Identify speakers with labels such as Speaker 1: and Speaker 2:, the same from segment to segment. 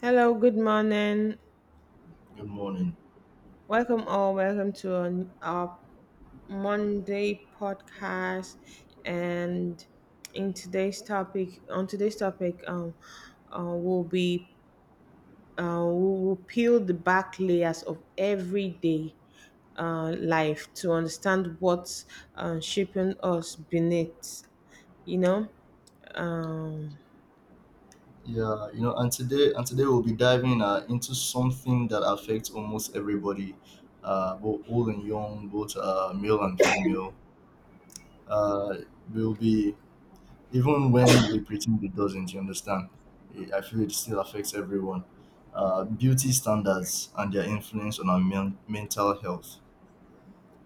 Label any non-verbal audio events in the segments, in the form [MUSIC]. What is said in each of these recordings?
Speaker 1: Hello, good morning.
Speaker 2: Good morning.
Speaker 1: Welcome all. Welcome to our Monday podcast. And on today's topic, we'll be we will peel the back layers of everyday life to understand what's shaping us beneath. You know. Uh,
Speaker 2: Yeah, and today we'll be diving into something that affects almost everybody, both old and young, both male and female. Uh, will be Even when we pretend it doesn't. You understand? I feel it still affects everyone. Beauty standards and their influence on our mental health.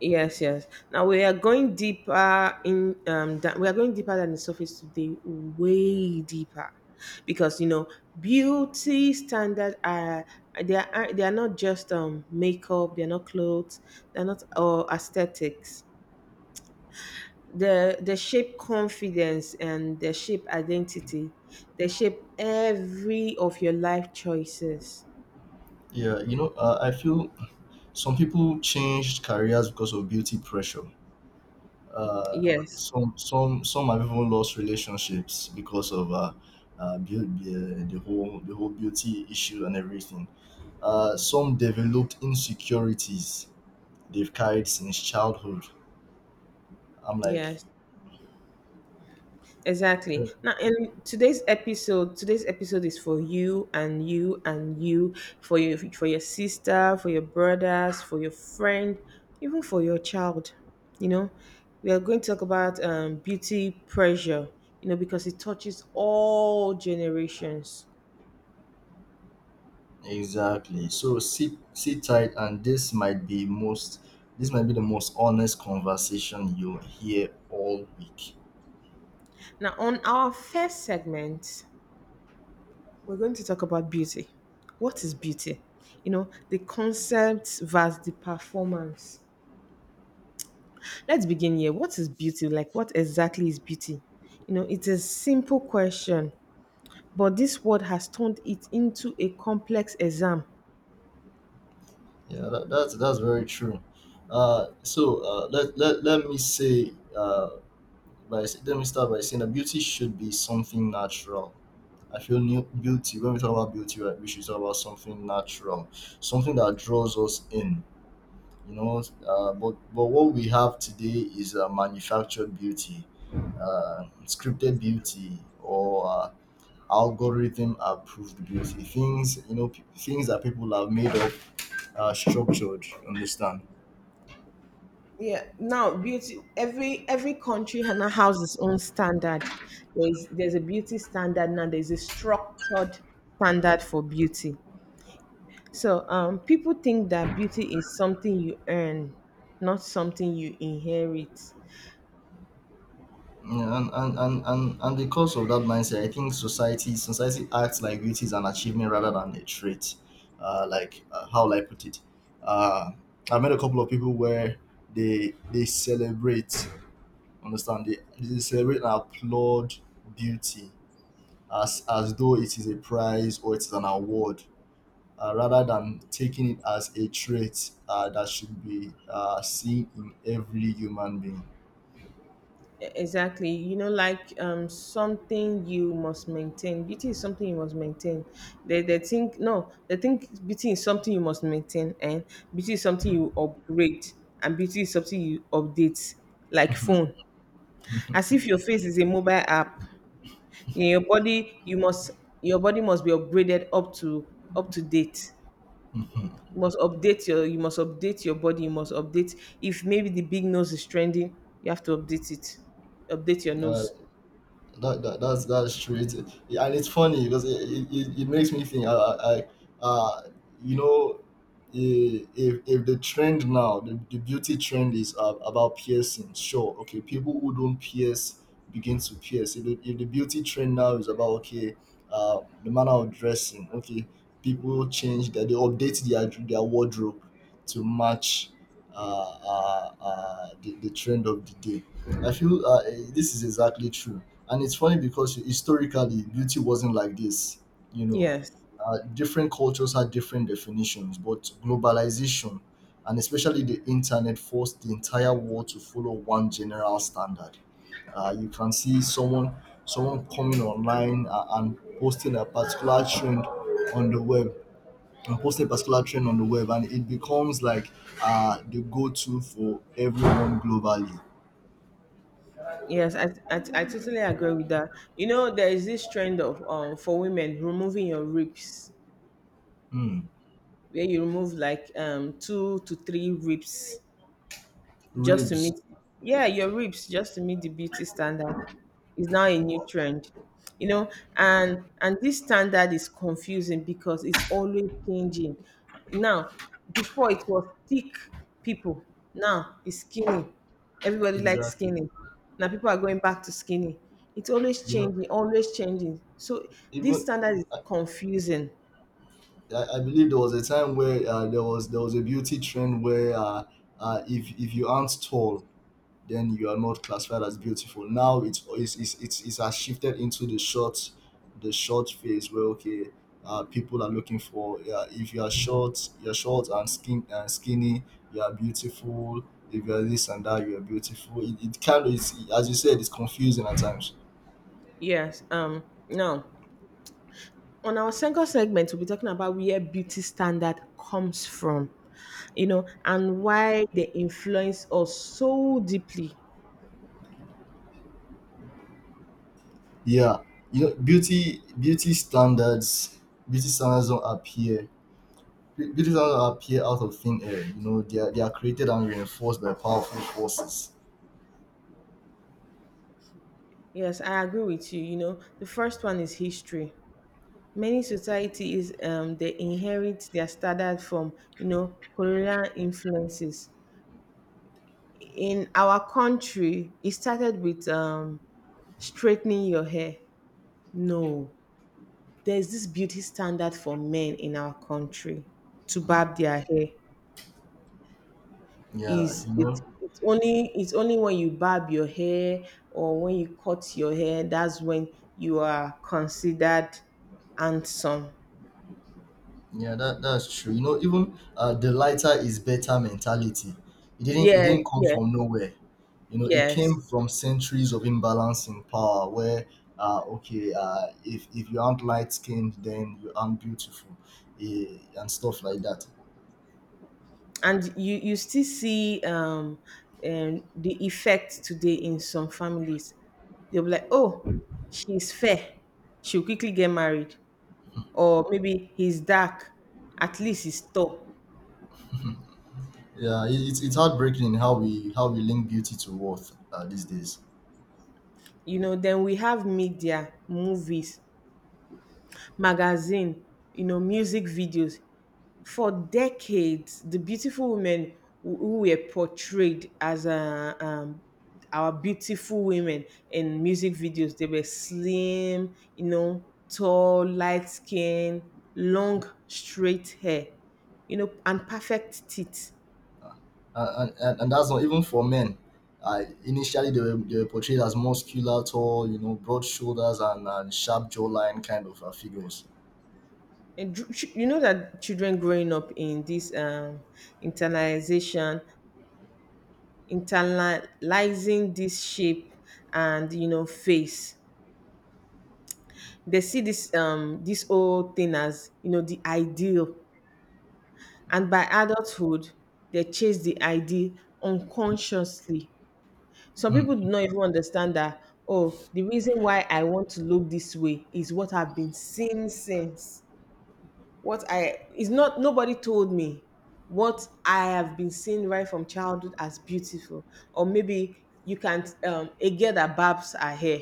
Speaker 1: Yes, yes. Now we are going deeper in that we are going deeper than the surface today, way deeper. Because you know, beauty standard are they are not just makeup, they're not clothes, they're not or aesthetics. The shape confidence and the shape identity, they shape every of your life choices.
Speaker 2: Yeah, I feel some people changed careers because of beauty pressure, uh,
Speaker 1: Yes.
Speaker 2: some have even lost relationships because of the whole beauty issue and everything. Some developed insecurities they've carried since childhood. I'm like,
Speaker 1: Yes.
Speaker 2: uh,
Speaker 1: Exactly. Now, today's episode is for you and you and you, for you, for your sister, for your brothers, for your friend, even for your child. You know, we are going to talk about beauty pressure. You know, because it touches all generations.
Speaker 2: exactly. So sit tight, and this might be the most honest conversation you'll hear all week.
Speaker 1: Now, on our first segment, we're going to talk about beauty. What is beauty? You know, the concept versus the performance. Let's begin here. What is beauty? Like, what exactly is beauty? You know, it's a simple question, but this word has turned it into a complex exam.
Speaker 2: Yeah, that's very true. Uh, so uh, let, let let me say uh, Let me start by saying that beauty should be something natural. I feel new beauty. When we talk about beauty, right, we should talk about something natural, something that draws us in. But what we have today is manufactured beauty, scripted beauty, or algorithm approved beauty. Things, things that people have made up, structured. You Understand?
Speaker 1: Yeah. Now, beauty. Every country now has its own standard. There's a beauty standard now. There's a structured standard for beauty. So, people think that beauty is something you earn, not something you inherit.
Speaker 2: Yeah, and because of that mindset, I think society acts like beauty is an achievement rather than a trait. How will I put it? Uh, I met a couple of people where they celebrate, understand they celebrate and applaud beauty as though it is a prize or it is an award, rather than taking it as a trait, that should be, seen in every human being.
Speaker 1: Exactly. You know, like something you must maintain. Beauty is something you must maintain. They think no, they think beauty is something you must maintain and beauty is something you upgrade and beauty is something you update like phone. As if your face is a mobile app. In your body you must your body must be upgraded up to date.
Speaker 2: [LAUGHS]
Speaker 1: You must update your body, you must update if maybe the big nose is trending, you have to update it. Update your
Speaker 2: uh,
Speaker 1: nose.
Speaker 2: That's true. Yeah, and it's funny because it makes me think. I uh, you know, if the trend now, the beauty trend is about piercing. Sure, okay, people who don't pierce begin to pierce. If the beauty trend now is about, okay, the manner of dressing. Okay, people change that they update their wardrobe to match, the trend of the day. I feel, this is exactly true, and it's funny because historically, beauty wasn't like this, you know.
Speaker 1: Yes.
Speaker 2: Different cultures had different definitions, but globalization and especially the internet forced the entire world to follow one general standard. You can see someone, coming online, and posting a particular trend on the web, and posting a particular trend on the web, and it becomes like the go-to for everyone globally.
Speaker 1: Yes, I totally agree with that. You know, there is this trend of for women removing your ribs,
Speaker 2: Hmm.
Speaker 1: where you remove like two to three ribs just to
Speaker 2: Ribs.
Speaker 1: meet, yeah, your ribs just to meet the beauty standard. Is now a new
Speaker 2: Wow.
Speaker 1: trend, you know, and this standard is confusing because it's always changing. Now before it was thick people, now it's skinny, everybody likes
Speaker 2: Exactly.
Speaker 1: skinny, now people are going back to skinny. It's always
Speaker 2: You know,
Speaker 1: changing, always changing, so this
Speaker 2: Even
Speaker 1: standard is
Speaker 2: I,
Speaker 1: confusing.
Speaker 2: I believe there was a time where, there was, a beauty trend where, if you aren't tall, then you are not classified as beautiful. Now it's has shifted into the short phase where, okay, people are looking for, if you are short, you're short and skinny, you are beautiful. If you are this and that, you are beautiful. It kind of is, as you said, it's confusing at times.
Speaker 1: Yes. Now on our second segment we'll be talking about where beauty standard comes from, you know, and why they influence us so deeply.
Speaker 2: Yeah, you know, beauty beauty standards beauty standards don't appear beauty standards don't appear out of thin air. They are created and reinforced by powerful forces.
Speaker 1: Yes, I agree with you. You know, the first one is history. Many societies they inherit their standard from, you know, colonial influences. In our country, it started with straightening your hair. No. There's this beauty standard for men in our country to barb their hair.
Speaker 2: Yeah,
Speaker 1: Is it's it's only it's only when you barb your hair or when you cut your hair that's when you are considered handsome.
Speaker 2: yeah, that's true. Even, the lighter is better mentality. It
Speaker 1: Yes,
Speaker 2: didn't come
Speaker 1: yes,
Speaker 2: from nowhere. It came
Speaker 1: yes.
Speaker 2: from centuries of imbalance in power where. Okay, if you aren't light skinned, then you aren't beautiful, and stuff like that.
Speaker 1: And you still see the effect today in some families. They'll be like, oh, she's fair, she'll quickly get married, or maybe he's dark, at least he's tall.
Speaker 2: Yeah, it's heartbreaking in how we link beauty to worth, these days.
Speaker 1: You know, then we have media, movies, magazine, you know, music videos. For decades, the beautiful women who were portrayed as our beautiful women in music videos, they were slim, you know, tall, light skin, long, straight hair, you know, and perfect teeth.
Speaker 2: And that's not even for men. I initially They were portrayed as muscular, tall, broad shoulders, and, sharp jawline kind of, figures.
Speaker 1: You know that children growing up in this internalization, internalizing this shape and you know face, they see this this whole thing as, you know, the ideal, and by adulthood they chase the ideal unconsciously. Some people do
Speaker 2: Mm.
Speaker 1: not even understand that, oh, the reason why I want to look this way is what I've been seeing since what I is not nobody told me what I have been seeing right from childhood as beautiful. Or maybe you can't a girl that barbs her hair,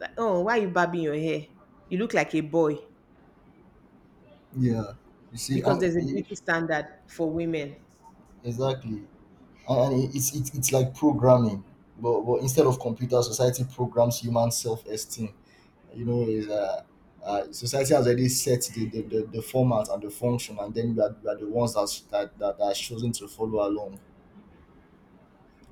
Speaker 1: like, oh, why are you barbing your hair? You look like a boy.
Speaker 2: Yeah, you see,
Speaker 1: Because there's a beauty standard for women.
Speaker 2: exactly, and it, it's like programming, but instead of computer, society programs human self esteem, is, society has already set the format and the function, and then we are the ones that's, that, that that are chosen to follow along.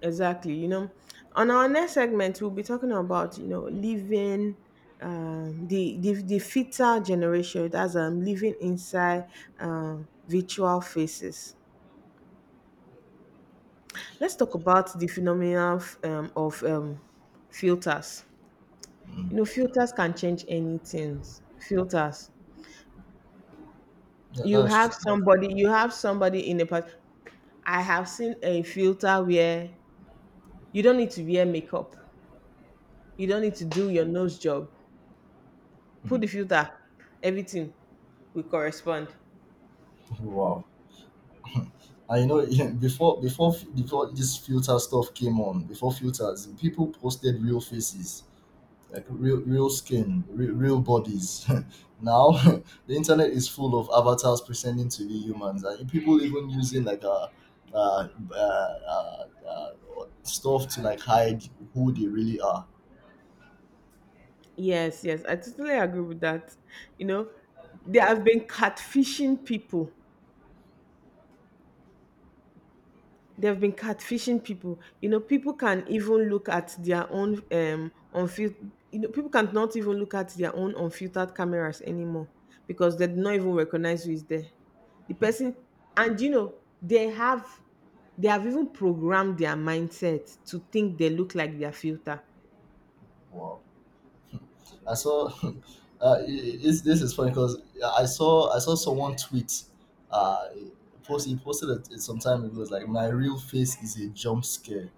Speaker 1: Exactly. You know, on our next segment, we'll be talking about, you know, living the fitter generation. That's living inside virtual faces. Let's talk about the phenomenon of, filters. You know, filters can change anything. Filters.
Speaker 2: Yeah,
Speaker 1: You
Speaker 2: that's
Speaker 1: have
Speaker 2: true.
Speaker 1: somebody. You have somebody in a part. I have seen a filter where you don't need to wear makeup. You don't need to do your nose job.
Speaker 2: Mm.
Speaker 1: Put the filter. Everything will correspond.
Speaker 2: Wow. And [LAUGHS] yeah, before this filter stuff came on, before filters, people posted real faces. Like real skin, real bodies. [LAUGHS] Now [LAUGHS] the internet is full of avatars pretending to be humans, and people even using like, uh, uh, uh, uh stuff to like hide who they really are.
Speaker 1: Yes, yes, I totally agree with that. You know, there have been catfishing people. There have been catfishing people. You know, people can even look at their own unfiltered. You know, people cannot even look at their own unfiltered cameras anymore because they do not even recognize who is there. The person, and you know, they have they have even programmed their mindset to think they look like their filter.
Speaker 2: Wow, I saw, [LAUGHS] this is funny because I saw someone tweet. Uh post He posted it some time ago. It's like, my real face is a jump scare.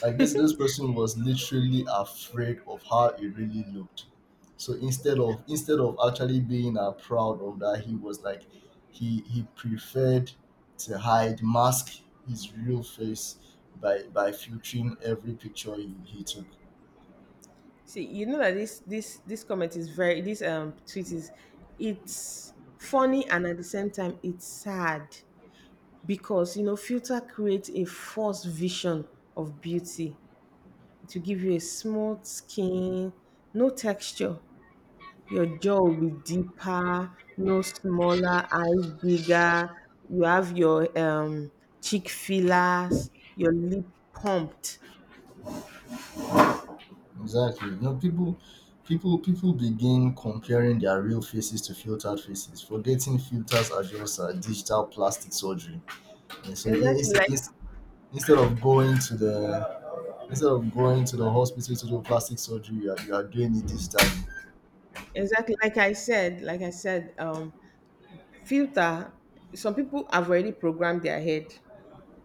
Speaker 2: Like this person was literally afraid of how it really looked. So instead of actually being, proud of that, he was like, he preferred to hide, mask his real face by filtering every picture he took.
Speaker 1: See, you know that this comment is very, this tweet is, it's funny and at the same time it's sad because you know filter creates a false vision of beauty, to give you a smooth skin, no texture. Your jaw will be deeper, no smaller, eyes bigger. You have your cheek fillers, your lip pumped.
Speaker 2: Exactly. People begin comparing their real faces to filtered faces, forgetting filters are just, digital plastic surgery. And so,
Speaker 1: Exactly like
Speaker 2: instead, Instead of going to the instead of going to the hospital to do plastic surgery, you are doing it digitally.
Speaker 1: exactly like I said, filter. Some people have already programmed their head,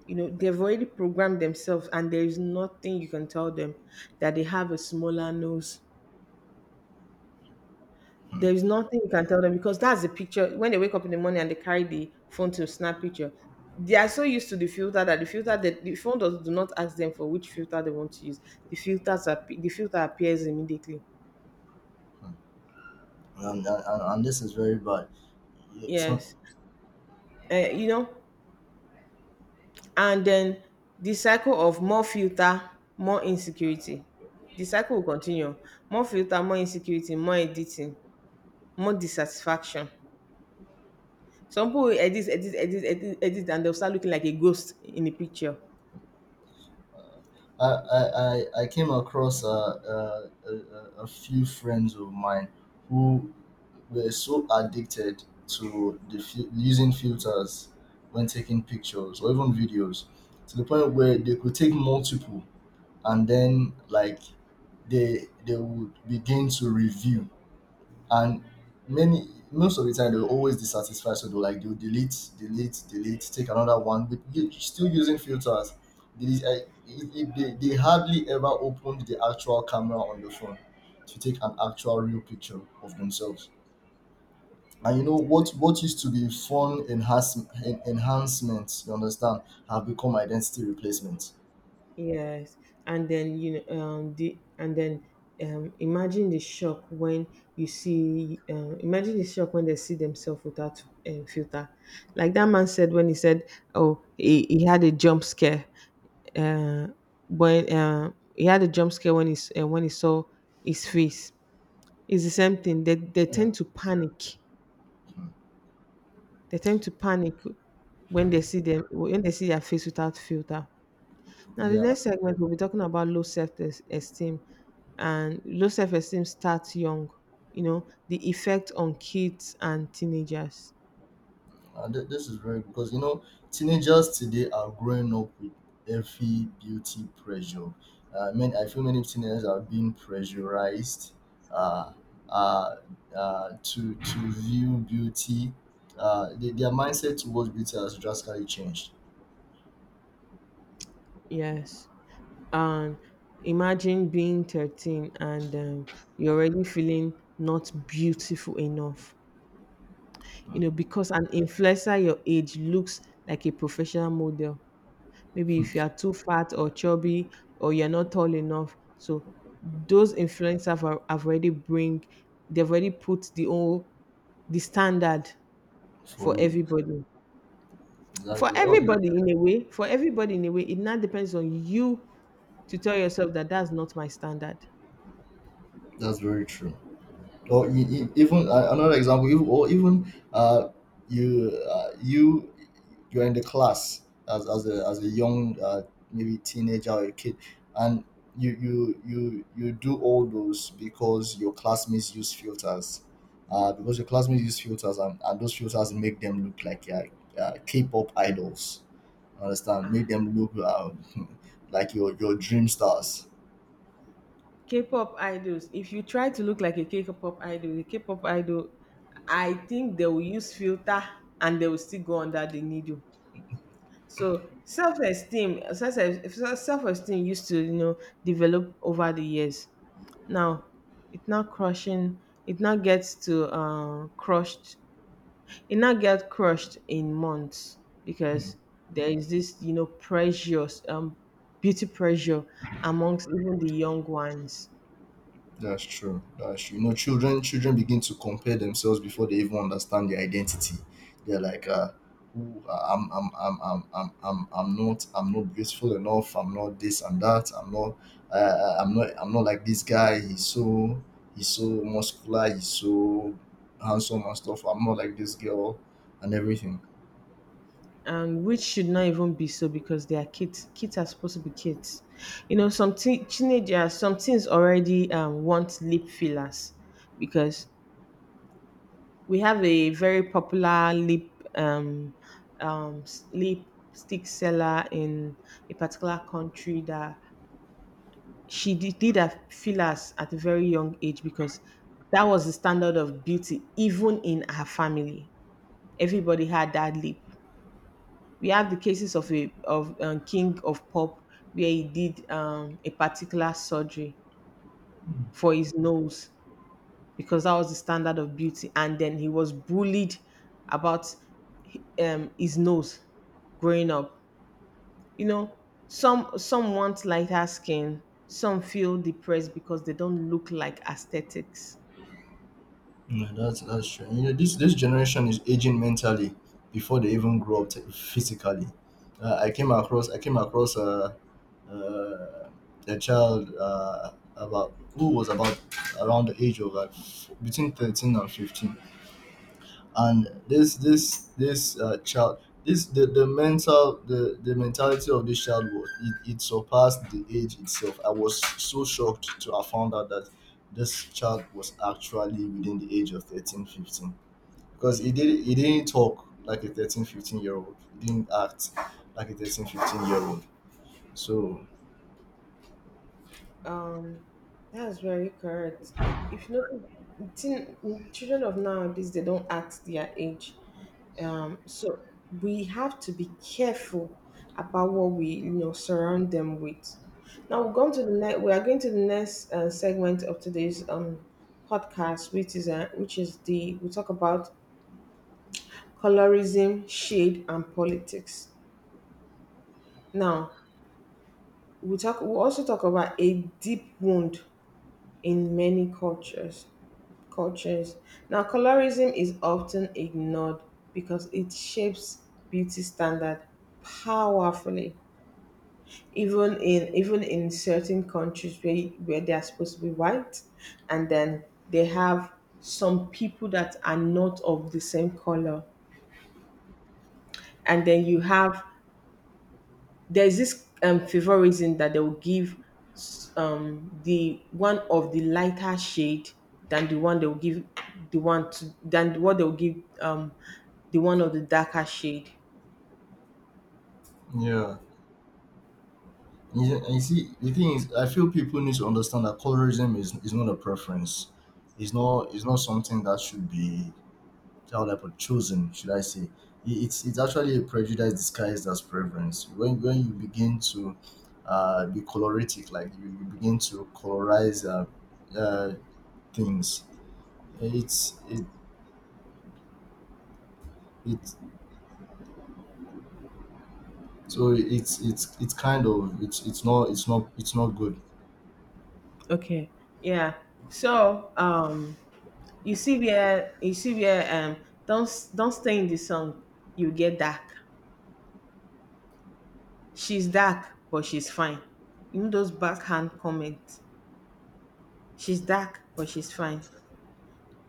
Speaker 1: you know, they've already programmed themselves, and there is nothing you can tell them that they have a smaller nose. There is nothing you can tell them because that's the picture when they wake up in the morning and they carry the phone to snap picture. They are so used to the filter that the phone does do not ask them for which filter they want to use. The filter appears immediately.
Speaker 2: And this is very bad. Yeah. Some
Speaker 1: Yes. uh, you know And then the cycle of more filter, more insecurity. The cycle will continue. More filter, more insecurity, more editing, more dissatisfaction. Some people will edit, edit, edit, edit, edit, and they'll start looking like a ghost in the picture.
Speaker 2: I, I, I came across, a few friends of mine who were so addicted to using filters when taking pictures or even videos, to the point where they could take multiple, and then like they would begin to review. And many most of the time they'll always dissatisfied, so they'll like, they'll delete delete delete, take another one, but you still using filters. They hardly ever opened the actual camera on the phone to take an actual real picture of themselves. And you know what used to be fun enhancements, you understand, have become identity replacements.
Speaker 1: Yes, and then you know, the and then imagine the shock when imagine the shock when they see themselves without filter. Like that man said when he said, "Oh, he had a jump scare." Uh, when he had a jump scare when when he saw his face. It's the same thing. They
Speaker 2: Yeah,
Speaker 1: tend to panic. They tend to panic when they see their face without filter. Now, the
Speaker 2: yeah.
Speaker 1: next segment, we'll be talking about low self esteem. And low self esteem starts young, you know, the effect on kids and teenagers.
Speaker 2: This is very because teenagers today are growing up with heavy beauty pressure. I mean, I feel many teenagers are being pressurized, uh, uh, to view beauty. Their mindset towards beauty has drastically changed
Speaker 1: Yes. And imagine being 13 and you're already feeling not beautiful enough, you know, because an influencer your age looks like a professional model. Maybe if you are too fat or chubby or you're not tall enough. So those influencers have already bring they've already put the whole, the standard
Speaker 2: for
Speaker 1: for
Speaker 2: you.
Speaker 1: everybody. For
Speaker 2: Exactly. Oh,
Speaker 1: everybody in a way, for everybody in a way, it now depends on you to tell yourself that that's not my standard.
Speaker 2: that's very true. Or e~ e~ even, another example, even or even you uh you you're in the class, as a, as a young, maybe teenager or a kid, and you do all those because your classmates use filters, and those filters make them look like, k-pop idols, understand, make
Speaker 1: Ah,
Speaker 2: them look, [LAUGHS] like your dream stars.
Speaker 1: K-pop idols. If you try to look like a K-pop idol, I think they will use filter and they will still go under the needle. So self-esteem, self-esteem used to, you know, develop over the years. Now it now gets to crushed. It now get crushed in months because there is this, you know, pressure, beauty pressure amongst even the young ones.
Speaker 2: That's true. That's true. Children begin to compare themselves before they even understand their identity. They're like, "Ooh, I'm not beautiful enough. I'm not this and that. I'm not, I'm not like this guy. He's so muscular. He's so handsome and stuff. I'm not like this girl and everything."
Speaker 1: And which should not even be so because they are kids. Kids are supposed to be kids. You know, some teenagers, some teens already want lip fillers because we have a very popular lip, um, lip stick seller in a particular country, that she did her fillers at a very young age because that was the standard of beauty even in her family. Everybody had that lip. We have the cases of a of King of Pop where he did a particular surgery for his nose because that was the standard of beauty, and then he was bullied about his nose growing up. You know, some want lighter skin, some feel depressed because they don't look like aesthetics.
Speaker 2: Yeah, that's true. This generation is aging mentally before they even grow up, physically. I came across uh, a child, about who was about around the age of, like, between 13 and 15. And this child this the mentality of this child, was it surpassed the age itself. I was so shocked to have found out that this child was actually within the age of 13 to 15, because he didn't talk like a 13 to 15 year old. He didn't act like a 13 to 15 year old. So
Speaker 1: Um, that's very correct. If you know, children of nowadays they don't act their age. So we have to be careful about what we, you know, surround them with. Now we're going to the next. We are going to the next segment of today's podcast, which is the we talk about colorism, shade, and politics. Now we talk. We also talk about a deep wound in many cultures. Cultures. Now colorism is often ignored because it shapes beauty standard powerfully even in certain countries where they are supposed to be white, and then they have some people that are not of the same color, and then you have there's this favorism that they will give the one of the lighter shade than the one they will give the one to than what they will give um the one of the darker shade.
Speaker 2: yeah. Yeah, and you see, the thing is, I feel people need to understand that colorism is not a preference. It's not something that should be, how would I put, chosen, should I say? It's actually a prejudice disguised as preference. When you begin to, be coloritic, like you begin to colorize, uh, things, it's it, it it's not good.
Speaker 1: Okay. Yeah. so um You see where don't stay in the song. You get dark. She's dark, but she's fine. You know those backhand comments. She's dark, but she's fine.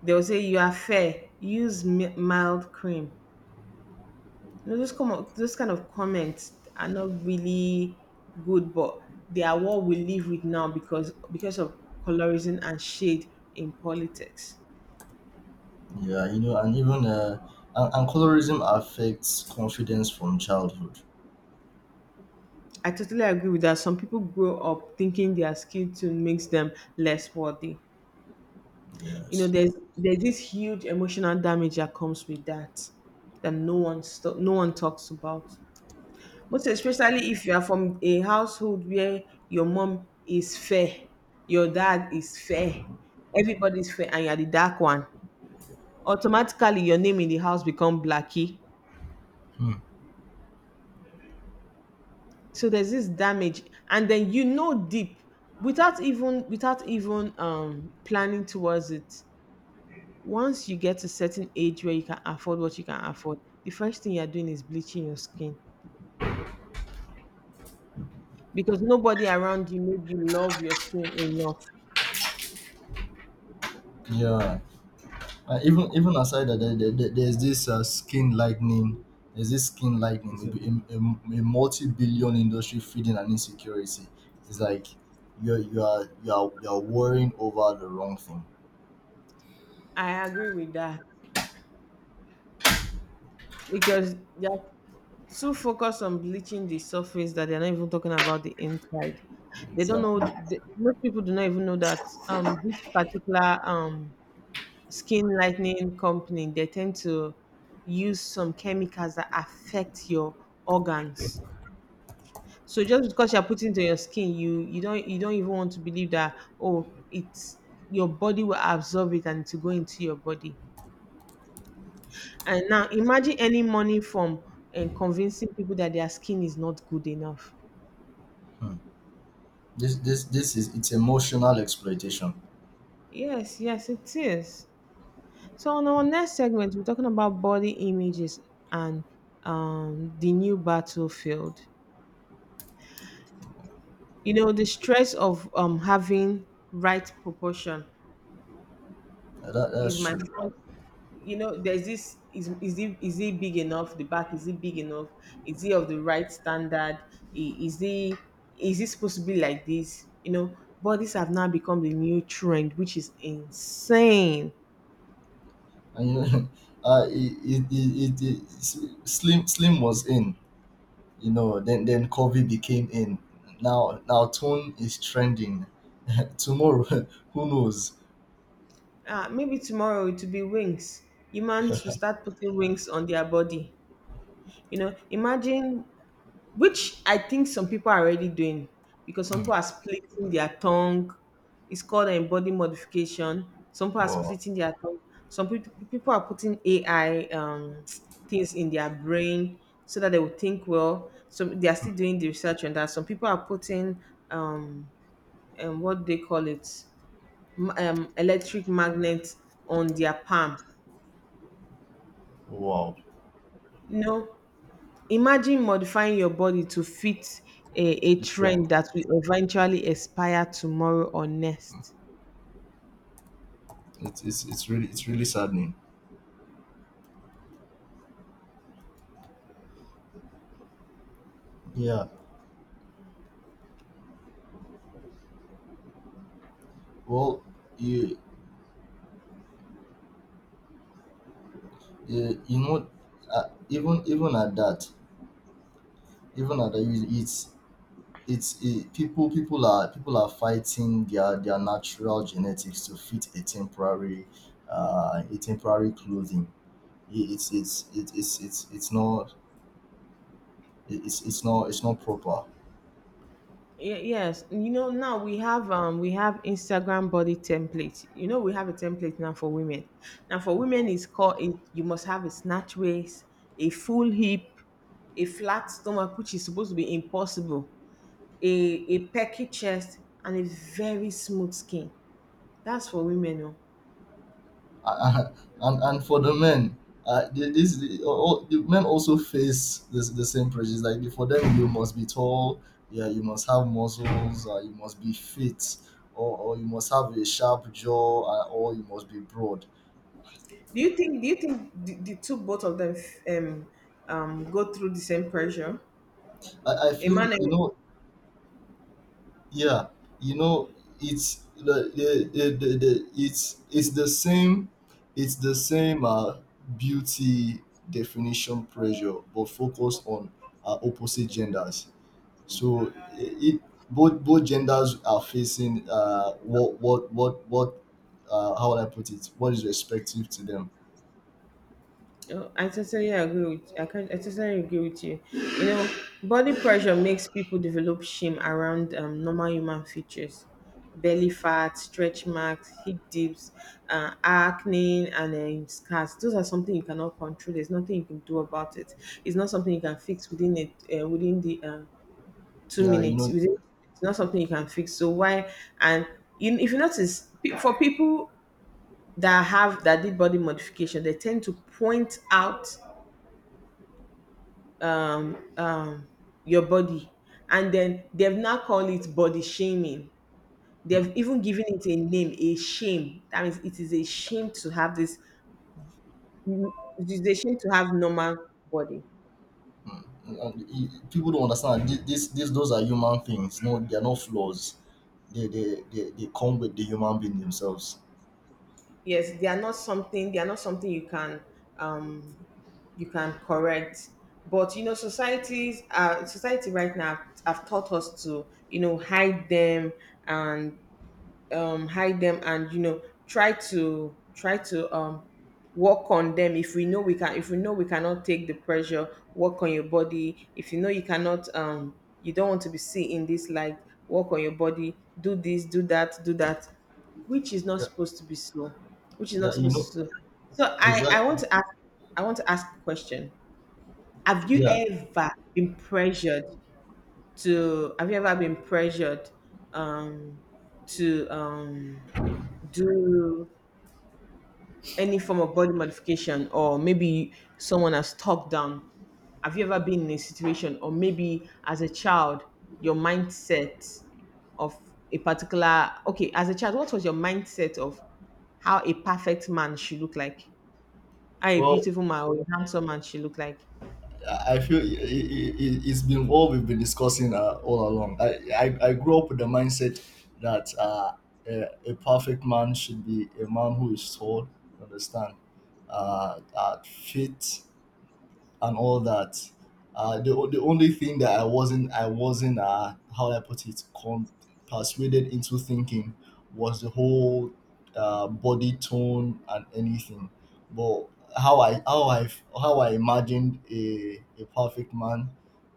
Speaker 1: They'll say you are fair. Use mild cream. You know those kind of comments are not really good, but they are what we live with now because of colorism and shade in politics.
Speaker 2: Yeah, and colorism affects confidence from childhood.
Speaker 1: I totally agree with that. Some people grow up thinking their skill tune makes them less worthy. You know,
Speaker 2: Yes.
Speaker 1: there's this huge emotional damage that comes with that, that no one talks about. Most especially if you are from a household where your mom is fair, your dad is fair, everybody's fair, and you're the dark one. Automatically, your name in the house become Blackie.
Speaker 2: Hmm.
Speaker 1: So there's this damage, and then, you know, deep, without even planning towards it, once you get to certain age where you can afford what you can afford, the first thing you're doing is bleaching your skin because nobody around you made you love your skin enough.
Speaker 2: Yeah. Even aside that, there's this, skin lightning. There's this skin lightning, a multi-billion industry feeding an insecurity. It's like you are you are worrying over the wrong thing.
Speaker 1: I agree with that because they're too focused on bleaching the surface that they're not even talking about the inside. They don't
Speaker 2: Exactly.
Speaker 1: know most people do not even know that this particular skin lightening company, they tend to use some chemicals that affect your organs. So just because you're putting to your skin, you don't even want to believe that, oh, it's your body will absorb it and to go into your body. And now imagine any money from and convincing people that their skin is not good enough.
Speaker 2: Hmm. This is It's emotional exploitation.
Speaker 1: Yes, yes, it is. So on our next segment, we're talking about body images and, the new battlefield. You know, the stress of having right proportion is
Speaker 2: That's
Speaker 1: my
Speaker 2: true.
Speaker 1: front. You know, there's this is it big enough? The back, is it big enough? Is it of the right standard? Is it, is it supposed to be like this? You know, bodies have now become the new trend, which is insane.
Speaker 2: And [LAUGHS] it, it, it, it, it Slim was in, Then Kobe became in. Now Tone is trending. [LAUGHS] Tomorrow, [LAUGHS] who knows?
Speaker 1: Maybe tomorrow it will be wings. Humans will start putting wings on their body. You know, imagine, which I think some people are already doing, because some
Speaker 2: Mm.
Speaker 1: people are splitting their tongue. It's called, body modification. Some people are
Speaker 2: Wow,
Speaker 1: splitting their tongue. Some people are putting AI [TSK] things in their brain so that they will think well. So they are still doing the research on that. Some people are putting um, what do they call it M- electric magnet on their palm.
Speaker 2: wow,
Speaker 1: No. Imagine modifying your body to fit a
Speaker 2: the trend.
Speaker 1: trend that will eventually expire tomorrow or next.
Speaker 2: It's really saddening. Yeah. Well, you you, you know, even even at that, people are fighting their natural genetics to fit a temporary, a temporary clothing. It- it's it's it- it's it's it's not it's not proper. [LAUGHS]
Speaker 1: Yes, you know, now we have Instagram body template. You know, we have a template now for women. Now for women you must have a snatch waist, a full hip, a flat stomach, which is supposed to be impossible, a perky chest, and a very smooth skin. That's for women. Oh.
Speaker 2: Uh, and for the men, the men also face this, the same prejudice, like for them you must be tall, yeah, you must have muscles, you must be fit, or you must have a sharp jaw, or you must be broad.
Speaker 1: Do you think the two, both of them, um go through the same pressure?
Speaker 2: I, I
Speaker 1: A
Speaker 2: feel
Speaker 1: man
Speaker 2: you
Speaker 1: and-
Speaker 2: know Yeah, you know, it's the it's the same, it's the same uh, beauty definition pressure, but focus on, opposite genders. So it both genders are facing, what how would I put it? What is respective to them?
Speaker 1: Oh, I totally agree with, I totally agree with you. You know, body pressure makes people develop shame around, normal human features. Belly fat, stretch marks, hip dips, acne, and, scars. Those are something you cannot control. There's nothing you can do about it. It's not something you can fix within the two
Speaker 2: Yeah,
Speaker 1: minutes. Within, it's not something you can fix. So why? And, you, if you notice, for people that did body modification, they tend to point out, um, um, your body, and then they've now called it body shaming.
Speaker 2: Hmm,
Speaker 1: They've even given it a name, a shame. That means it is a shame to have this. It is a shame to have normal body.
Speaker 2: hmm. Hmm, and people don't understand this. These, those are human things. No, they are not flaws. They come with the human being themselves.
Speaker 1: Yes, they are not something. They are not something you can. Um, you can correct, but you know societies society right now have taught us to, you know, hide them, and, hide them, and, you know, try to, work on them, if we know we can, if we know we cannot take the pressure, work on your body, if you know you cannot, you don't want to be seen in this light, work on your body, do this, do that, do that, which is not
Speaker 2: Yeah,
Speaker 1: supposed to be so, which is
Speaker 2: yeah,
Speaker 1: not supposed to so. So, I
Speaker 2: exactly.
Speaker 1: want to ask, a question, have you
Speaker 2: Yeah.
Speaker 1: ever been pressured to um to um do any form of body modification, or maybe someone has talked down? Have you ever been in a situation, or maybe as a child your mindset of a particular okay, as a child, what was your mindset of how a perfect man should look like? How a
Speaker 2: Well,
Speaker 1: beautiful man or a handsome man should look like?
Speaker 2: I feel it's been what we've been discussing, all along. I grew up with the mindset that, a perfect man should be a man who is tall, you understand, fit, and all that. The only thing that I wasn't how do I put it con- persuaded into thinking was the whole, body tone and anything, but how I how I how I imagined a perfect man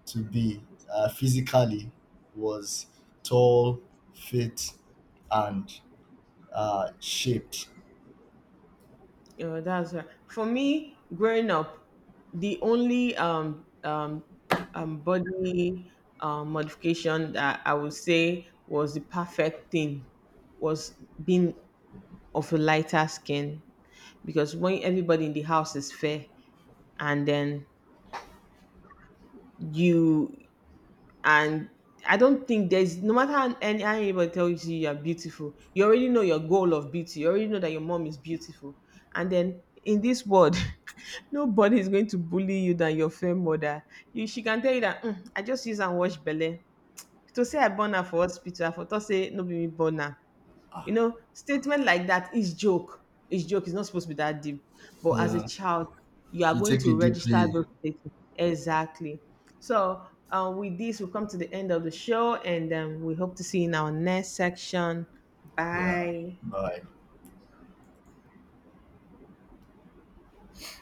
Speaker 2: to be, physically, was tall, fit, and, shaped.
Speaker 1: Yeah, that's right. For me, growing up, the only body modification that I would say was the perfect thing was being of a lighter skin, because when everybody in the house is fair, and then you, and I don't think there's, no matter how, anybody tells you you're beautiful, you already know your goal of beauty. You already know that your mom is beautiful, and then in this world, [LAUGHS] nobody is going to bully you than your fair mother. You, she can tell you that, "Mm, I just use and wash belle. To say I born her for hospital, I for thought say no be me born am." You know, statement like that is joke. It's joke. It's not supposed to be that deep. But as a
Speaker 2: Yeah,
Speaker 1: child, you are
Speaker 2: you
Speaker 1: going
Speaker 2: take
Speaker 1: to
Speaker 2: it
Speaker 1: register
Speaker 2: deeply.
Speaker 1: those statements. Exactly. So, with this, we've come to the end of the show, and, we hope to see you in our next section.
Speaker 2: Yeah,
Speaker 1: Bye.
Speaker 2: bye.